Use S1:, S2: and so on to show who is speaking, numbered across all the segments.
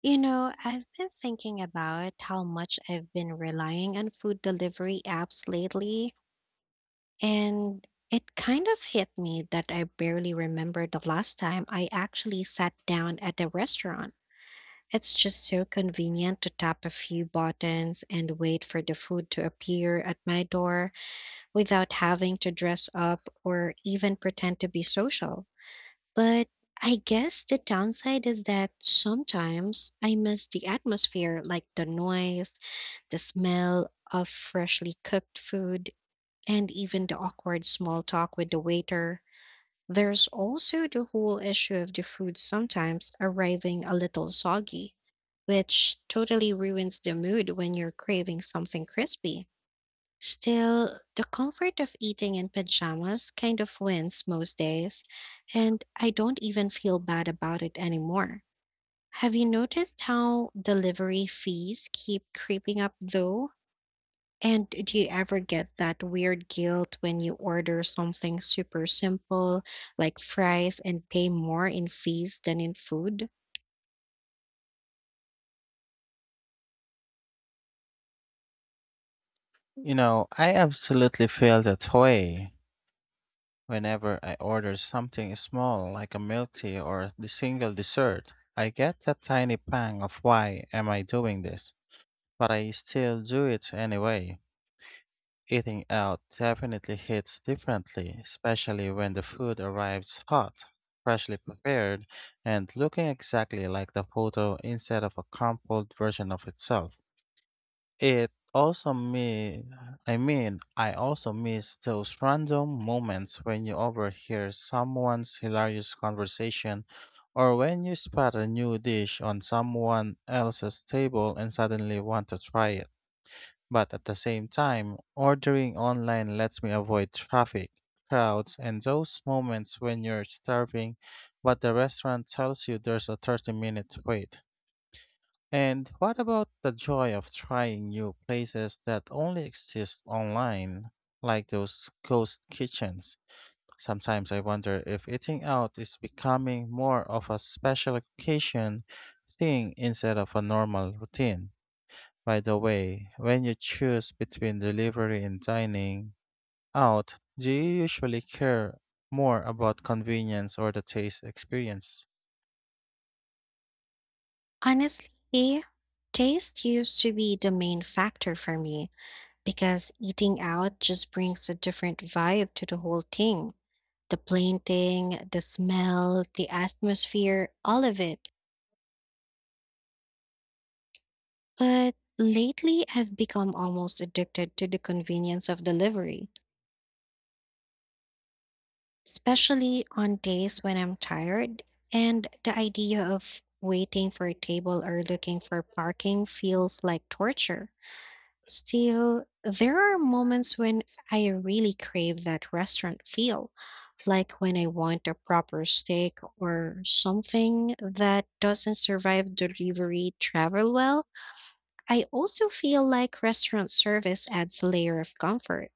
S1: You know, I've been thinking about how much I've been relying on food delivery apps lately, and it kind of hit me that I barely remember the last time I actually sat down at a restaurant. It's just so convenient to tap a few buttons and wait for the food to appear at my door without having to dress up or even pretend to be social. But I guess the downside is that sometimes I miss the atmosphere, like the noise, the smell of freshly cooked food, and even the awkward small talk with the waiter. There's also the whole issue of the food sometimes arriving a little soggy, which totally ruins the mood when you're craving something crispy. Still, the comfort of eating in pajamas kind of wins most days, and I don't even feel bad about it anymore. Have you noticed how delivery fees keep creeping up though? And do you ever get that weird guilt when you order something super simple like fries and pay more in fees than in food?
S2: You know, I absolutely feel that way whenever I order something small like a milk tea or the single dessert. I get that tiny pang of why am I doing this? But I still do it anyway. Eating out definitely hits differently, especially when the food arrives hot, freshly prepared, and looking exactly like the photo instead of a crumpled version of itself. It also me I mean, I also miss those random moments when you overhear someone's hilarious conversation or when you spot a new dish on someone else's table and suddenly want to try it. But at the same time, ordering online lets me avoid traffic, crowds, and those moments when you're starving, but the restaurant tells you there's a 30-minute wait. And what about the joy of trying new places that only exist online, like those ghost kitchens? Sometimes I wonder if eating out is becoming more of a special occasion thing instead of a normal routine. By the way, when you choose between delivery and dining out, do you usually care more about convenience or the taste experience?
S1: Honestly, taste used to be the main factor for me because eating out just brings a different vibe to the whole thing. The painting, the smell, the atmosphere, all of it. But lately, I've become almost addicted to the convenience of delivery, especially on days when I'm tired. And the idea of waiting for a table or looking for parking feels like torture. Still, there are moments when I really crave that restaurant feel, like when I want a proper steak or something that doesn't survive delivery travel well. I also feel like restaurant service adds a layer of comfort.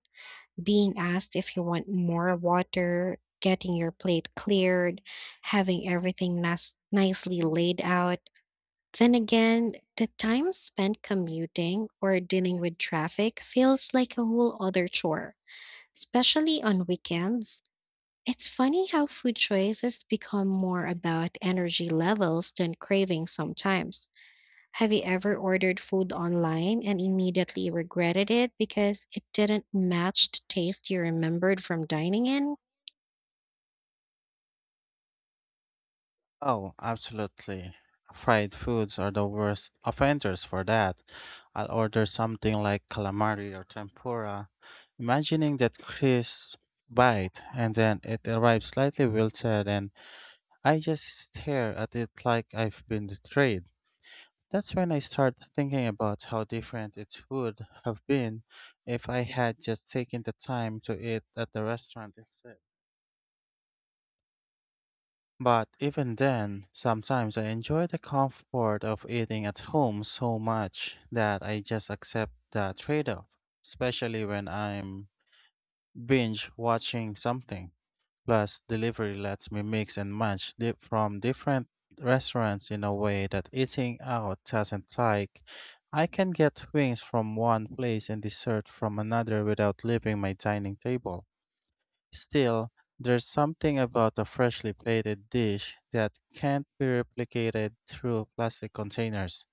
S1: Being asked if you want more water, getting your plate cleared, having everything nicely laid out. Then again, the time spent commuting or dealing with traffic feels like a whole other chore, especially on weekends. It's funny how food choices become more about energy levels than cravings sometimes. Have you ever ordered food online and immediately regretted it because it didn't match the taste you remembered from dining in?
S2: Oh, absolutely. Fried foods are the worst offenders for that. I'll order something like calamari or tempura, imagining that crisp bite, and then it arrives slightly wilted, and I just stare at it like I've been betrayed. That's when I start thinking about how different it would have been if I had just taken the time to eat at the restaurant instead. But even then, sometimes I enjoy the comfort of eating at home so much that I just accept the trade off, especially when I'm binge watching something. Plus, delivery lets me mix and match from different restaurants in a way that eating out doesn't like. I can get wings from one place and dessert from another without leaving my dining table. Still, there's something about a freshly plated dish that can't be replicated through plastic containers.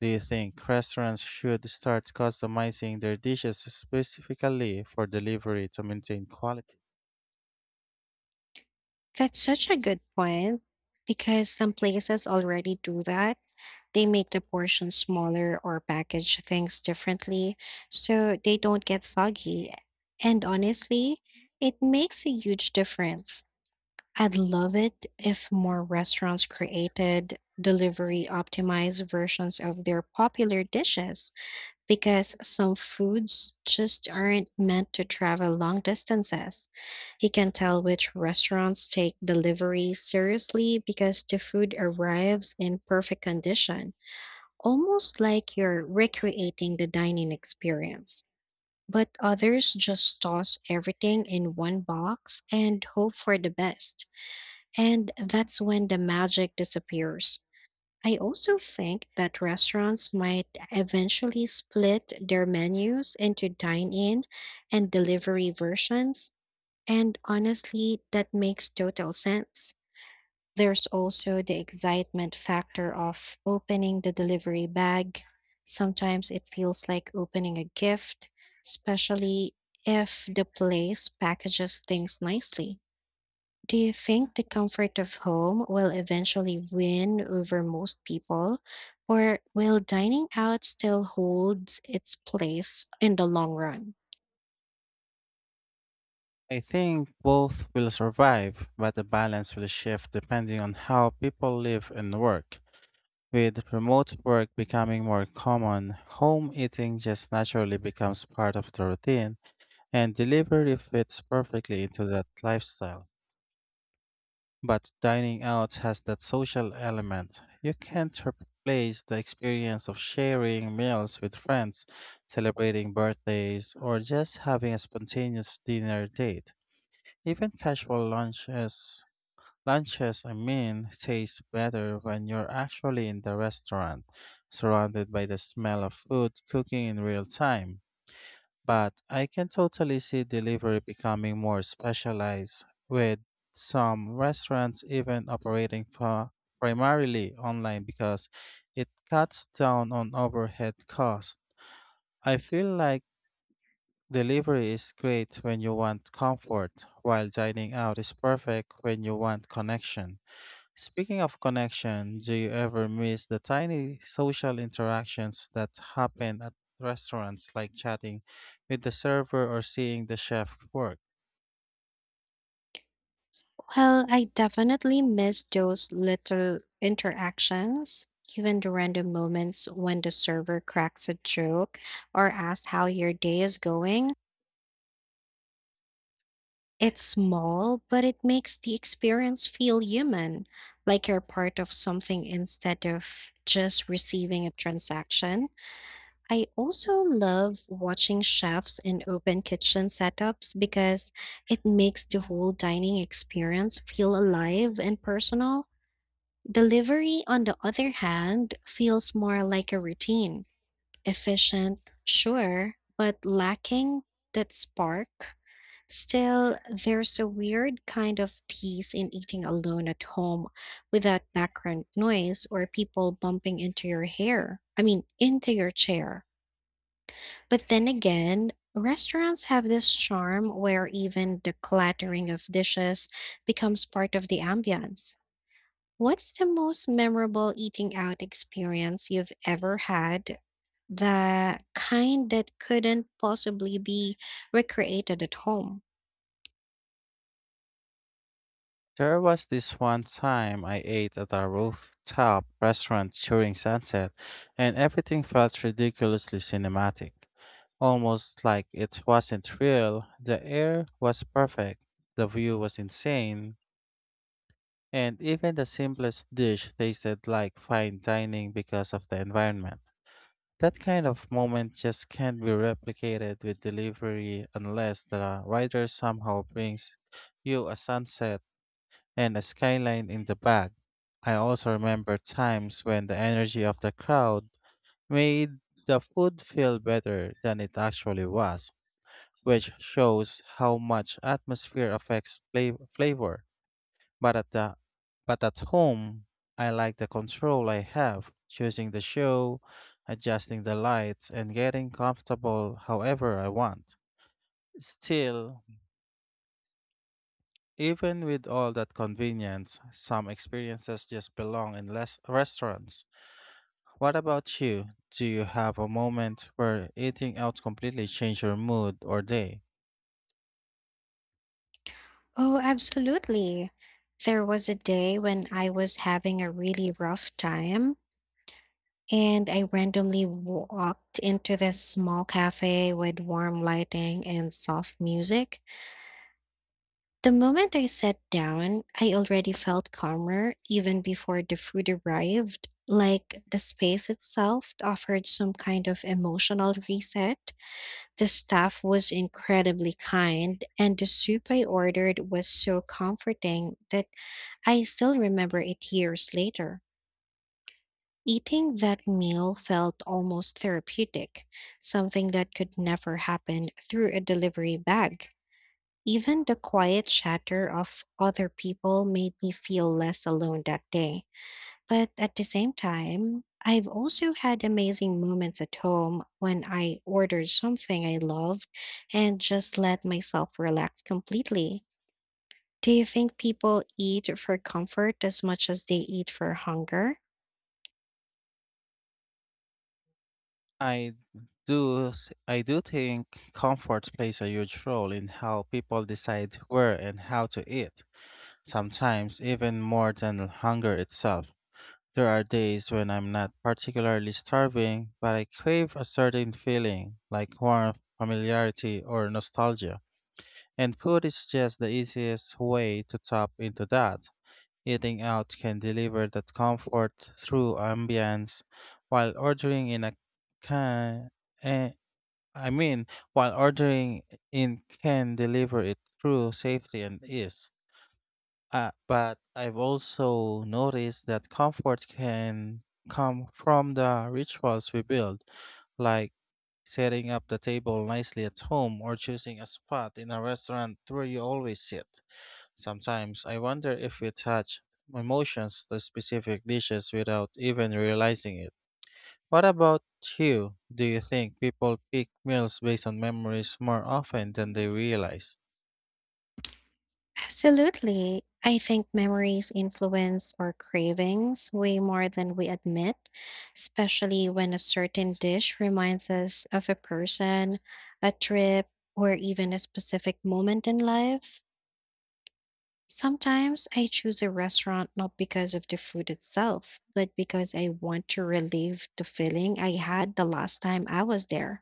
S2: Do you think restaurants should start customizing their dishes specifically for delivery to maintain quality?
S1: That's such a good point because some places already do that. They make the portions smaller or package things differently so they don't get soggy. And honestly, it makes a huge difference. I'd love it if more restaurants created delivery optimized versions of their popular dishes because some foods just aren't meant to travel long distances. You can tell which restaurants take delivery seriously because the food arrives in perfect condition. Almost like you're recreating the dining experience, but others just toss everything in one box and hope for the best. And that's when the magic disappears. I also think that restaurants might eventually split their menus into dine in and delivery versions, and honestly, that makes total sense. There's also the excitement factor of opening the delivery bag. Sometimes it feels like opening a gift, especially if the place packages things nicely. Do you think the comfort of home will eventually win over most people, or will dining out still hold its place in the long run?
S2: I think both will survive, but the balance will shift depending on how people live and work. With remote work becoming more common, home eating just naturally becomes part of the routine, and delivery fits perfectly into that lifestyle. But dining out has that social element. You can't replace the experience of sharing meals with friends, celebrating birthdays, or just having a spontaneous dinner date. Even casual lunches Lunches, I mean, taste better when you're actually in the restaurant, surrounded by the smell of food cooking in real time. But I can totally see delivery becoming more specialized, with some restaurants even operating for primarily online because it cuts down on overhead costs. I feel like delivery is great when you want comfort, while dining out is perfect when you want connection. Speaking of connection, do you ever miss the tiny social interactions that happen at restaurants like chatting with the server or seeing the chef work?
S1: Well, I definitely miss those little interactions, even the random moments when the server cracks a joke or asks how your day is going. It's small, but it makes the experience feel human, like you're part of something instead of just receiving a transaction. I also love watching chefs in open kitchen setups because it makes the whole dining experience feel alive and personal. Delivery, on the other hand, feels more like a routine, efficient, sure, but lacking that spark. Still, there's a weird kind of peace in eating alone at home without background noise or people bumping into your hair. I mean, into your chair. But then again, restaurants have this charm where even the clattering of dishes becomes part of the ambience. What's the most memorable eating out experience you've ever had? The kind that couldn't possibly be recreated at home.
S2: There was this one time I ate at a rooftop restaurant during sunset and everything felt ridiculously cinematic. Almost like it wasn't real, the air was perfect, the view was insane, and even the simplest dish tasted like fine dining because of the environment. That kind of moment just can't be replicated with delivery unless the writer somehow brings you a sunset and a skyline in the bag. I also remember times when the energy of the crowd made the food feel better than it actually was, which shows how much atmosphere affects flavor. But at the but at home, I like the control I have, choosing the show, adjusting the lights, and getting comfortable however I want. Still, even with all that convenience, some experiences just belong in less restaurants. What about you? Do you have a moment where eating out completely changed your mood or day?
S1: Oh, absolutely. There was a day when I was having a really rough time, and I randomly walked into this small cafe with warm lighting and soft music. The moment I sat down, I already felt calmer even before the food arrived. Like the space itself offered some kind of emotional reset. The staff was incredibly kind, and the soup I ordered was so comforting that I still remember it years later. Eating that meal felt almost therapeutic, something that could never happen through a delivery bag. Even the quiet chatter of other people made me feel less alone that day. But at the same time, I've also had amazing moments at home when I ordered something I loved and just let myself relax completely. Do you think people eat for comfort as much as they eat for hunger?
S2: I I do think comfort plays a huge role in how people decide where and how to eat. Sometimes, even more than hunger itself. There are days when I'm not particularly starving, but I crave a certain feeling, like warmth, familiarity, or nostalgia. And food is just the easiest way to tap into that. Eating out can deliver that comfort through ambience, while ordering in a can. Eh, I mean, while ordering in can deliver it through safety and ease. But I've also noticed that comfort can come from the rituals we build, like setting up the table nicely at home or choosing a spot in a restaurant where you always sit. Sometimes I wonder if we attach emotions to specific dishes without even realizing it. What about you? Do you think people pick meals based on memories more often than they realize?
S1: Absolutely. I think memories influence our cravings way more than we admit, especially when a certain dish reminds us of a person, a trip, or even a specific moment in life. Sometimes I choose a restaurant not because of the food itself, but because I want to relive the feeling I had the last time I was there.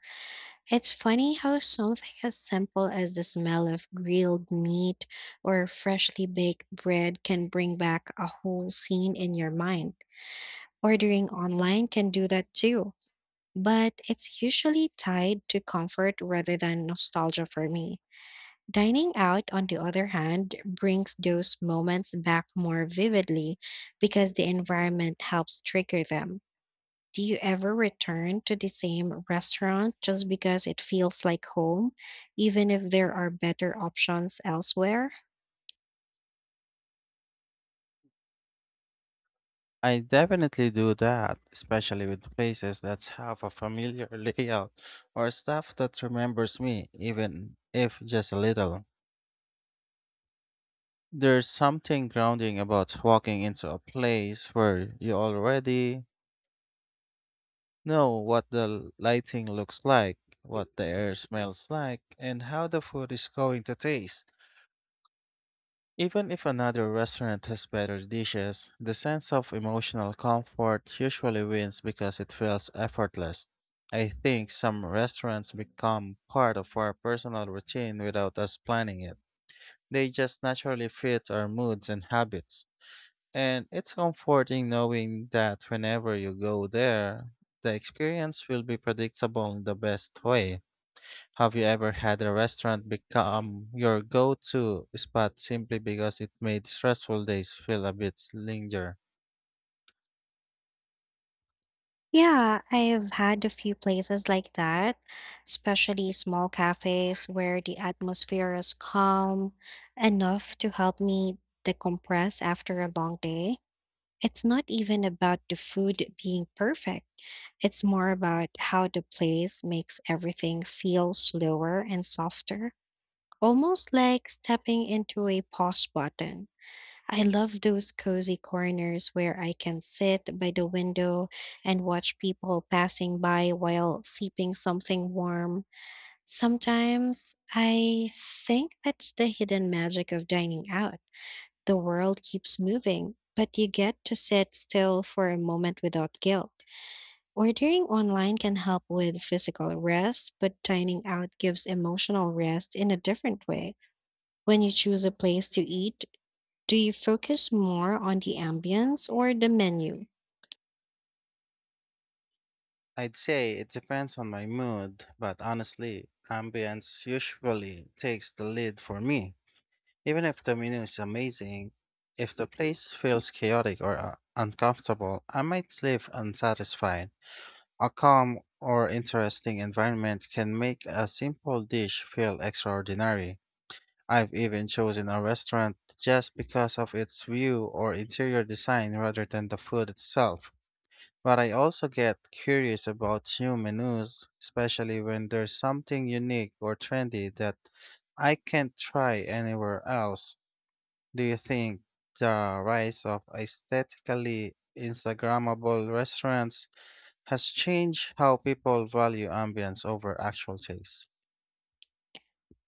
S1: It's funny how something as simple as the smell of grilled meat or freshly baked bread can bring back a whole scene in your mind. Ordering online can do that too, but it's usually tied to comfort rather than nostalgia for me. Dining out, on the other hand, brings those moments back more vividly because the environment helps trigger them. Do you ever return to the same restaurant just because it feels like home, even if there are better options elsewhere?
S2: I definitely do that, especially with places that have a familiar layout or stuff that remembers me, even if just a little. There's something grounding about walking into a place where you already know what the lighting looks like, what the air smells like, and how the food is going to taste. Even if another restaurant has better dishes, the sense of emotional comfort usually wins because it feels effortless. I think some restaurants become part of our personal routine without us planning it. They just naturally fit our moods and habits. And it's comforting knowing that whenever you go there, the experience will be predictable in the best way. Have you ever had a restaurant become your go to spot simply because it made stressful days feel a bit linger?
S1: Yeah, I've had a few places like that, especially small cafes where the atmosphere is calm enough to help me decompress after a long day. It's not even about the food being perfect. It's more about how the place makes everything feel slower and softer, almost like stepping into a pause button. I love those cozy corners where I can sit by the window and watch people passing by while sipping something warm. Sometimes I think that's the hidden magic of dining out. The world keeps moving, but you get to sit still for a moment without guilt. Ordering online can help with physical rest, but dining out gives emotional rest in a different way. When you choose a place to eat, do you focus more on the ambience or the menu?
S2: I'd say it depends on my mood, but honestly, ambience usually takes the lead for me. Even if the menu is amazing, if the place feels chaotic or uncomfortable, I might leave unsatisfied. A calm or interesting environment can make a simple dish feel extraordinary. I've even chosen a restaurant just because of its view or interior design rather than the food itself. But I also get curious about new menus, especially when there's something unique or trendy that I can't try anywhere else. Do you think the rise of aesthetically Instagrammable restaurants has changed how people value ambience over actual taste?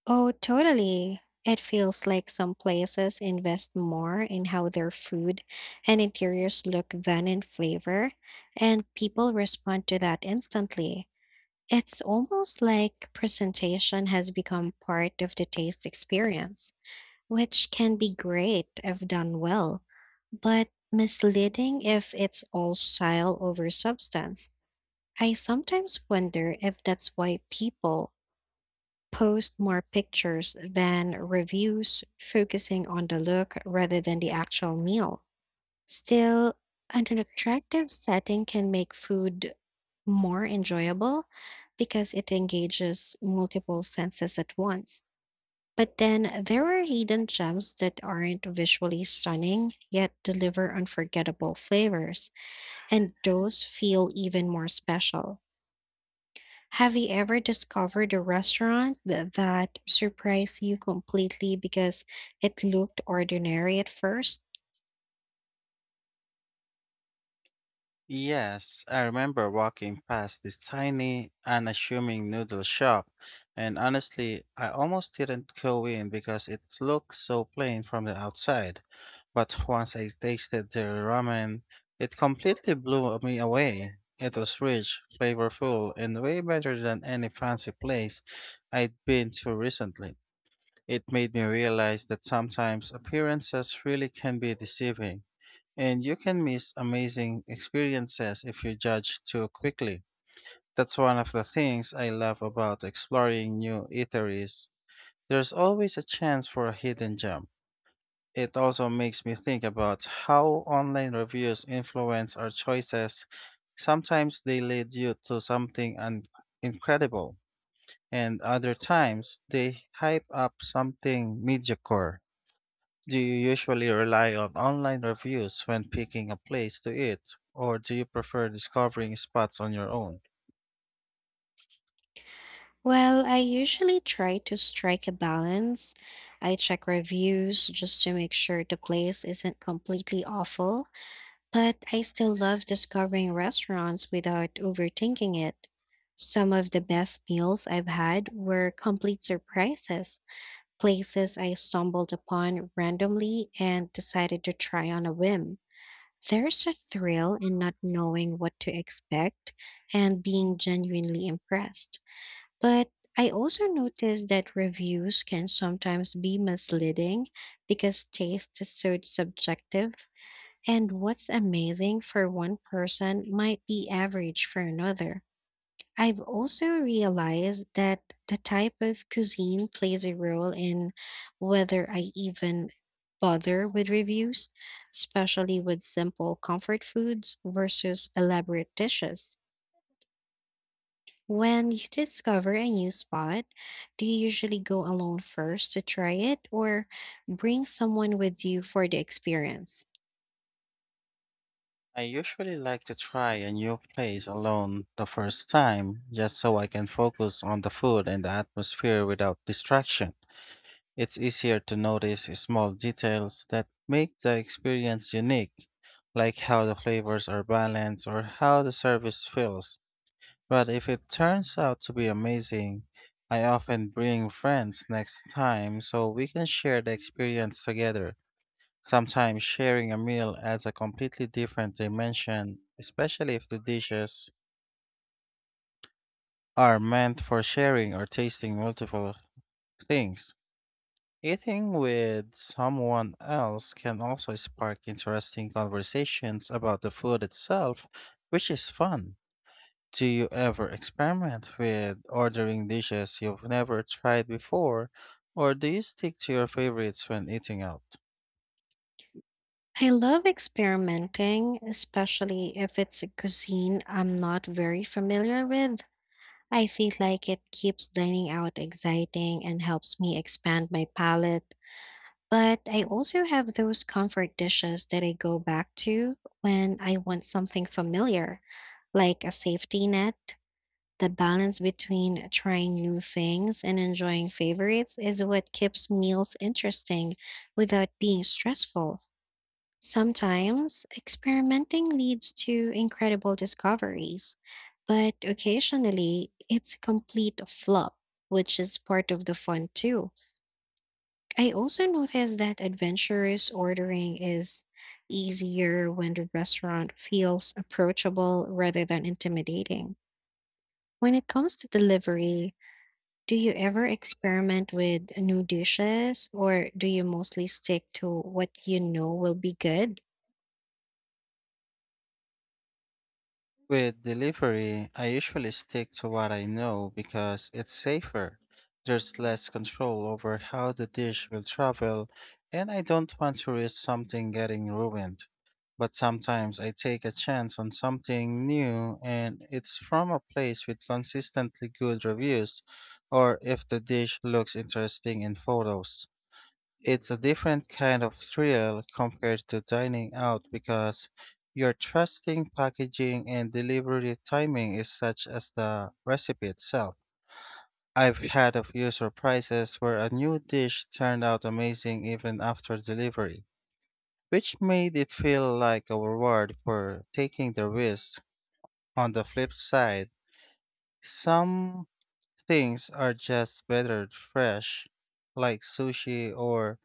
S1: Oh, totally. It feels like some places invest more in how their food and interiors look than in flavor, and people respond to that instantly. It's almost like presentation has become part of the taste experience, which can be great if done well, but misleading if it's all style over substance. I sometimes wonder if that's why people post more pictures than reviews, focusing on the look rather than the actual meal. Still, an attractive setting can make food more enjoyable because it engages multiple senses at once. But then there are hidden gems that aren't visually stunning yet deliver unforgettable flavors, and those feel even more special. Have you ever discovered a restaurant that surprised you completely because it looked ordinary at first?
S2: Yes, I remember walking past this tiny, unassuming noodle shop, and honestly, I almost didn't go in because it looked so plain from the outside. But once I tasted their ramen, it completely blew me away. It was rich, flavorful, and way better than any fancy place I'd been to recently. It made me realize that sometimes appearances really can be deceiving. And you can miss amazing experiences if you judge too quickly. That's one of the things I love about exploring new eateries. There's always a chance for a hidden gem. It also makes me think about how online reviews influence our choices. Sometimes they lead you to something incredible, and other times they hype up something mediocre. Do you usually rely on online reviews when picking a place to eat, or do you prefer discovering spots on your own?
S1: Well, I usually try to strike a balance. I check reviews just to make sure the place isn't completely awful, but I still love discovering restaurants without overthinking it. Some of the best meals I've had were complete surprises, places I stumbled upon randomly and decided to try on a whim. There's a thrill in not knowing what to expect and being genuinely impressed. But I also noticed that reviews can sometimes be misleading because taste is so subjective, and what's amazing for one person might be average for another. I've also realized that the type of cuisine plays a role in whether I even bother with reviews, especially with simple comfort foods versus elaborate dishes. When you discover a new spot, do you usually go alone first to try it or bring someone with you for the experience?
S2: I usually like to try a new place alone the first time, just so I can focus on the food and the atmosphere without distraction. It's easier to notice small details that make the experience unique, like how the flavors are balanced or how the service feels. But if it turns out to be amazing, I often bring friends next time so we can share the experience together. Sometimes sharing a meal adds a completely different dimension, especially if the dishes are meant for sharing or tasting multiple things. Eating with someone else can also spark interesting conversations about the food itself, which is fun. Do you ever experiment with ordering dishes you've never tried before, or do you stick to your favorites when eating out?
S1: I love experimenting, especially if it's a cuisine I'm not very familiar with. I feel like it keeps dining out exciting and helps me expand my palate. But I also have those comfort dishes that I go back to when I want something familiar, like a safety net. The balance between trying new things and enjoying favorites is what keeps meals interesting without being stressful. Sometimes experimenting leads to incredible discoveries, but occasionally it's a complete flop, which is part of the fun too. I also noticed that adventurous ordering is easier when the restaurant feels approachable rather than intimidating. When it comes to delivery, do you ever experiment with new dishes or do you mostly stick to what you know will be good?
S2: With delivery, I usually stick to what I know because it's safer. There's less control over how the dish will travel, and I don't want to risk something getting ruined. But sometimes I take a chance on something new and it's from a place with consistently good reviews, or if the dish looks interesting in photos. It's a different kind of thrill compared to dining out because your trusting packaging and delivery timing is such as the recipe itself. I've had a few surprises where a new dish turned out amazing even after delivery, which made it feel like a reward for taking the risk. On the flip side, some things are just better fresh, like sushi or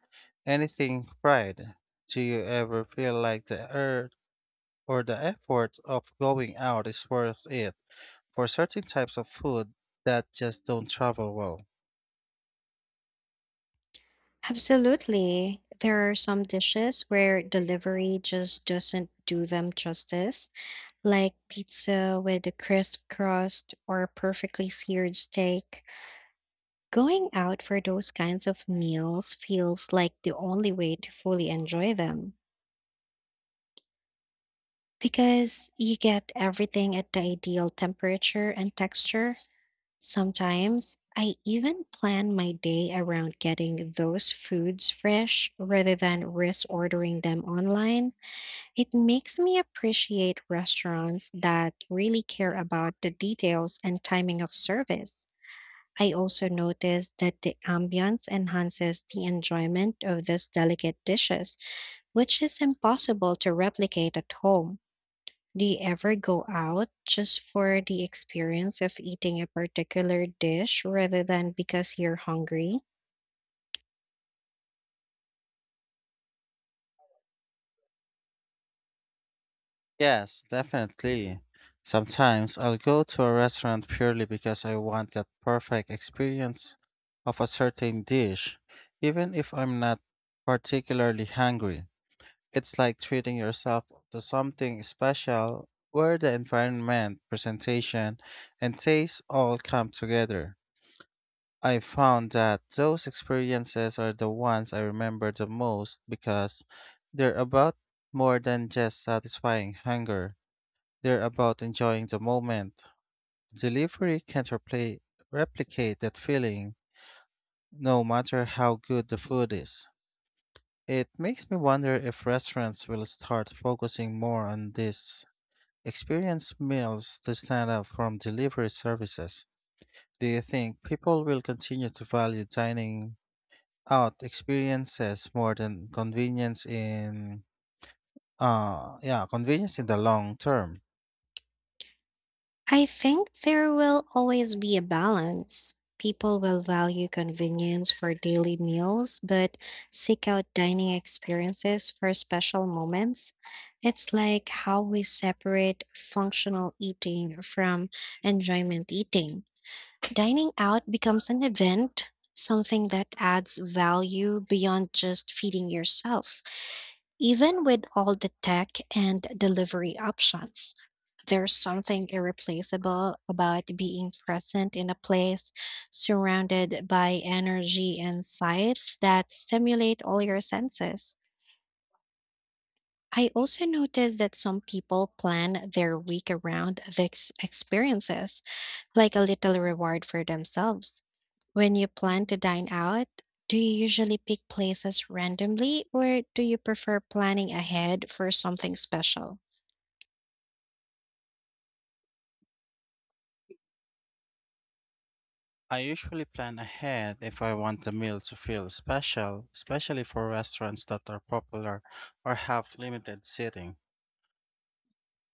S2: anything fried. Do you ever feel like the earth or the effort of going out is worth it for certain types of food that just don't travel well?
S1: Absolutely. There are some dishes where delivery just doesn't do them justice, like pizza with a crisp crust or a perfectly seared steak. Going out for those kinds of meals feels like the only way to fully enjoy them because you get everything at the ideal temperature and texture. Sometimes I even plan my day around getting those foods fresh rather than risk ordering them online. It makes me appreciate restaurants that really care about the details and timing of service. I also notice that the ambiance enhances the enjoyment of these delicate dishes, which is impossible to replicate at home. Do you ever go out just for the experience of eating a particular dish rather than because you're hungry?
S2: Yes, definitely. Sometimes I'll go to a restaurant purely because I want that perfect experience of a certain dish, even if I'm not particularly hungry. It's like treating yourself to something special where the environment, presentation, and taste all come together. I found that those experiences are the ones I remember the most because they're about more than just satisfying hunger. They're about enjoying the moment. Delivery can't replicate that feeling, no matter how good the food is. It makes me wonder if restaurants will start focusing more on this experienced meals to stand up from delivery services. Do you think people will continue to value dining out experiences more than convenience in yeah, convenience in the long term?
S1: I think there will always be a balance. People will value convenience for daily meals, but seek out dining experiences for special moments. It's like how we separate functional eating from enjoyment eating. Dining out becomes an event, something that adds value beyond just feeding yourself. Even with all the tech and delivery options, there's something irreplaceable about being present in a place surrounded by energy and sights that stimulate all your senses. I also noticed that some people plan their week around these experiences, like a little reward for themselves. When you plan to dine out, do you usually pick places randomly or do you prefer planning ahead for something special?
S2: I usually plan ahead if I want the meal to feel special, especially for restaurants that are popular or have limited seating.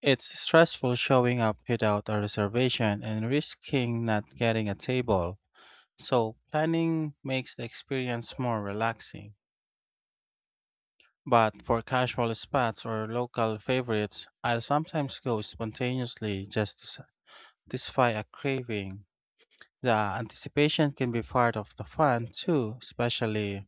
S2: It's stressful showing up without a reservation and risking not getting a table. So, planning makes the experience more relaxing. But for casual spots or local favorites, I'll sometimes go spontaneously just to satisfy a craving. The anticipation can be part of the fun too, especially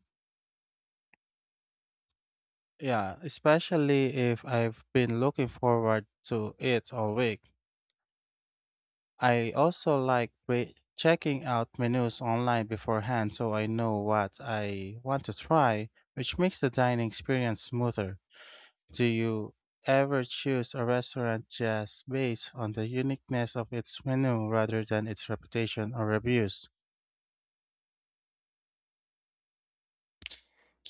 S2: yeah, especially if I've been looking forward to it all week. I also like checking out menus online beforehand so I know what I want to try, which makes the dining experience smoother. Do you ever choose a restaurant just based on the uniqueness of its menu rather than its reputation or reviews?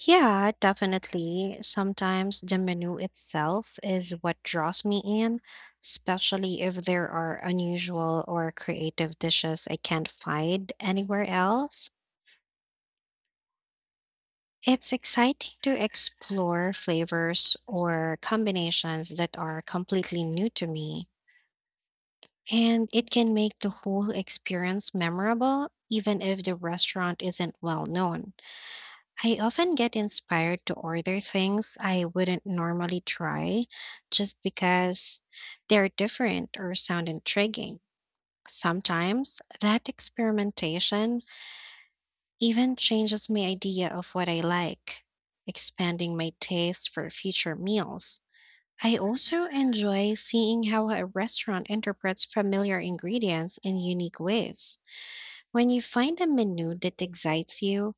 S1: Yeah, definitely. Sometimes the menu itself is what draws me in, especially if there are unusual or creative dishes I can't find anywhere else. It's exciting to explore flavors or combinations that are completely new to me. And it can make the whole experience memorable, even if the restaurant isn't well known. I often get inspired to order things I wouldn't normally try just because they're different or sound intriguing. Sometimes that experimentation even changes my idea of what I like, expanding my taste for future meals. I also enjoy seeing how a restaurant interprets familiar ingredients in unique ways. When you find a menu that excites you,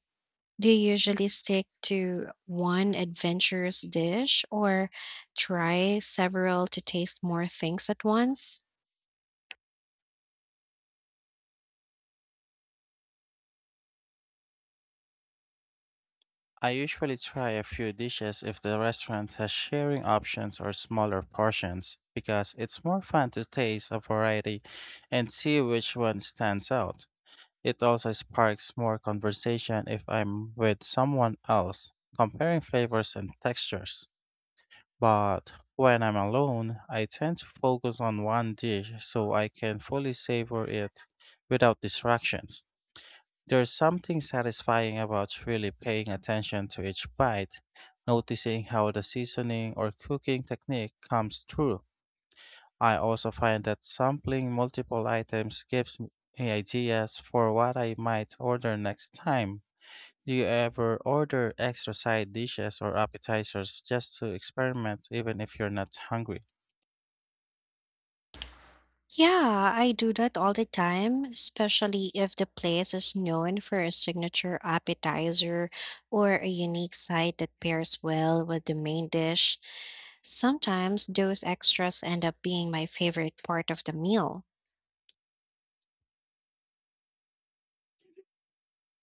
S1: do you usually stick to one adventurous dish or try several to taste more things at once?
S2: I usually try a few dishes if the restaurant has sharing options or smaller portions because it's more fun to taste a variety and see which one stands out. It also sparks more conversation if I'm with someone else, comparing flavors and textures. But when I'm alone, I tend to focus on one dish so I can fully savor it without distractions. There's something satisfying about really paying attention to each bite, noticing how the seasoning or cooking technique comes through. I also find that sampling multiple items gives me ideas for what I might order next time. Do you ever order extra side dishes or appetizers just to experiment, even if you're not hungry?
S1: Yeah, I do that all the time, especially if the place is known for a signature appetizer or a unique side that pairs well with the main dish. Sometimes those extras end up being my favorite part of the meal.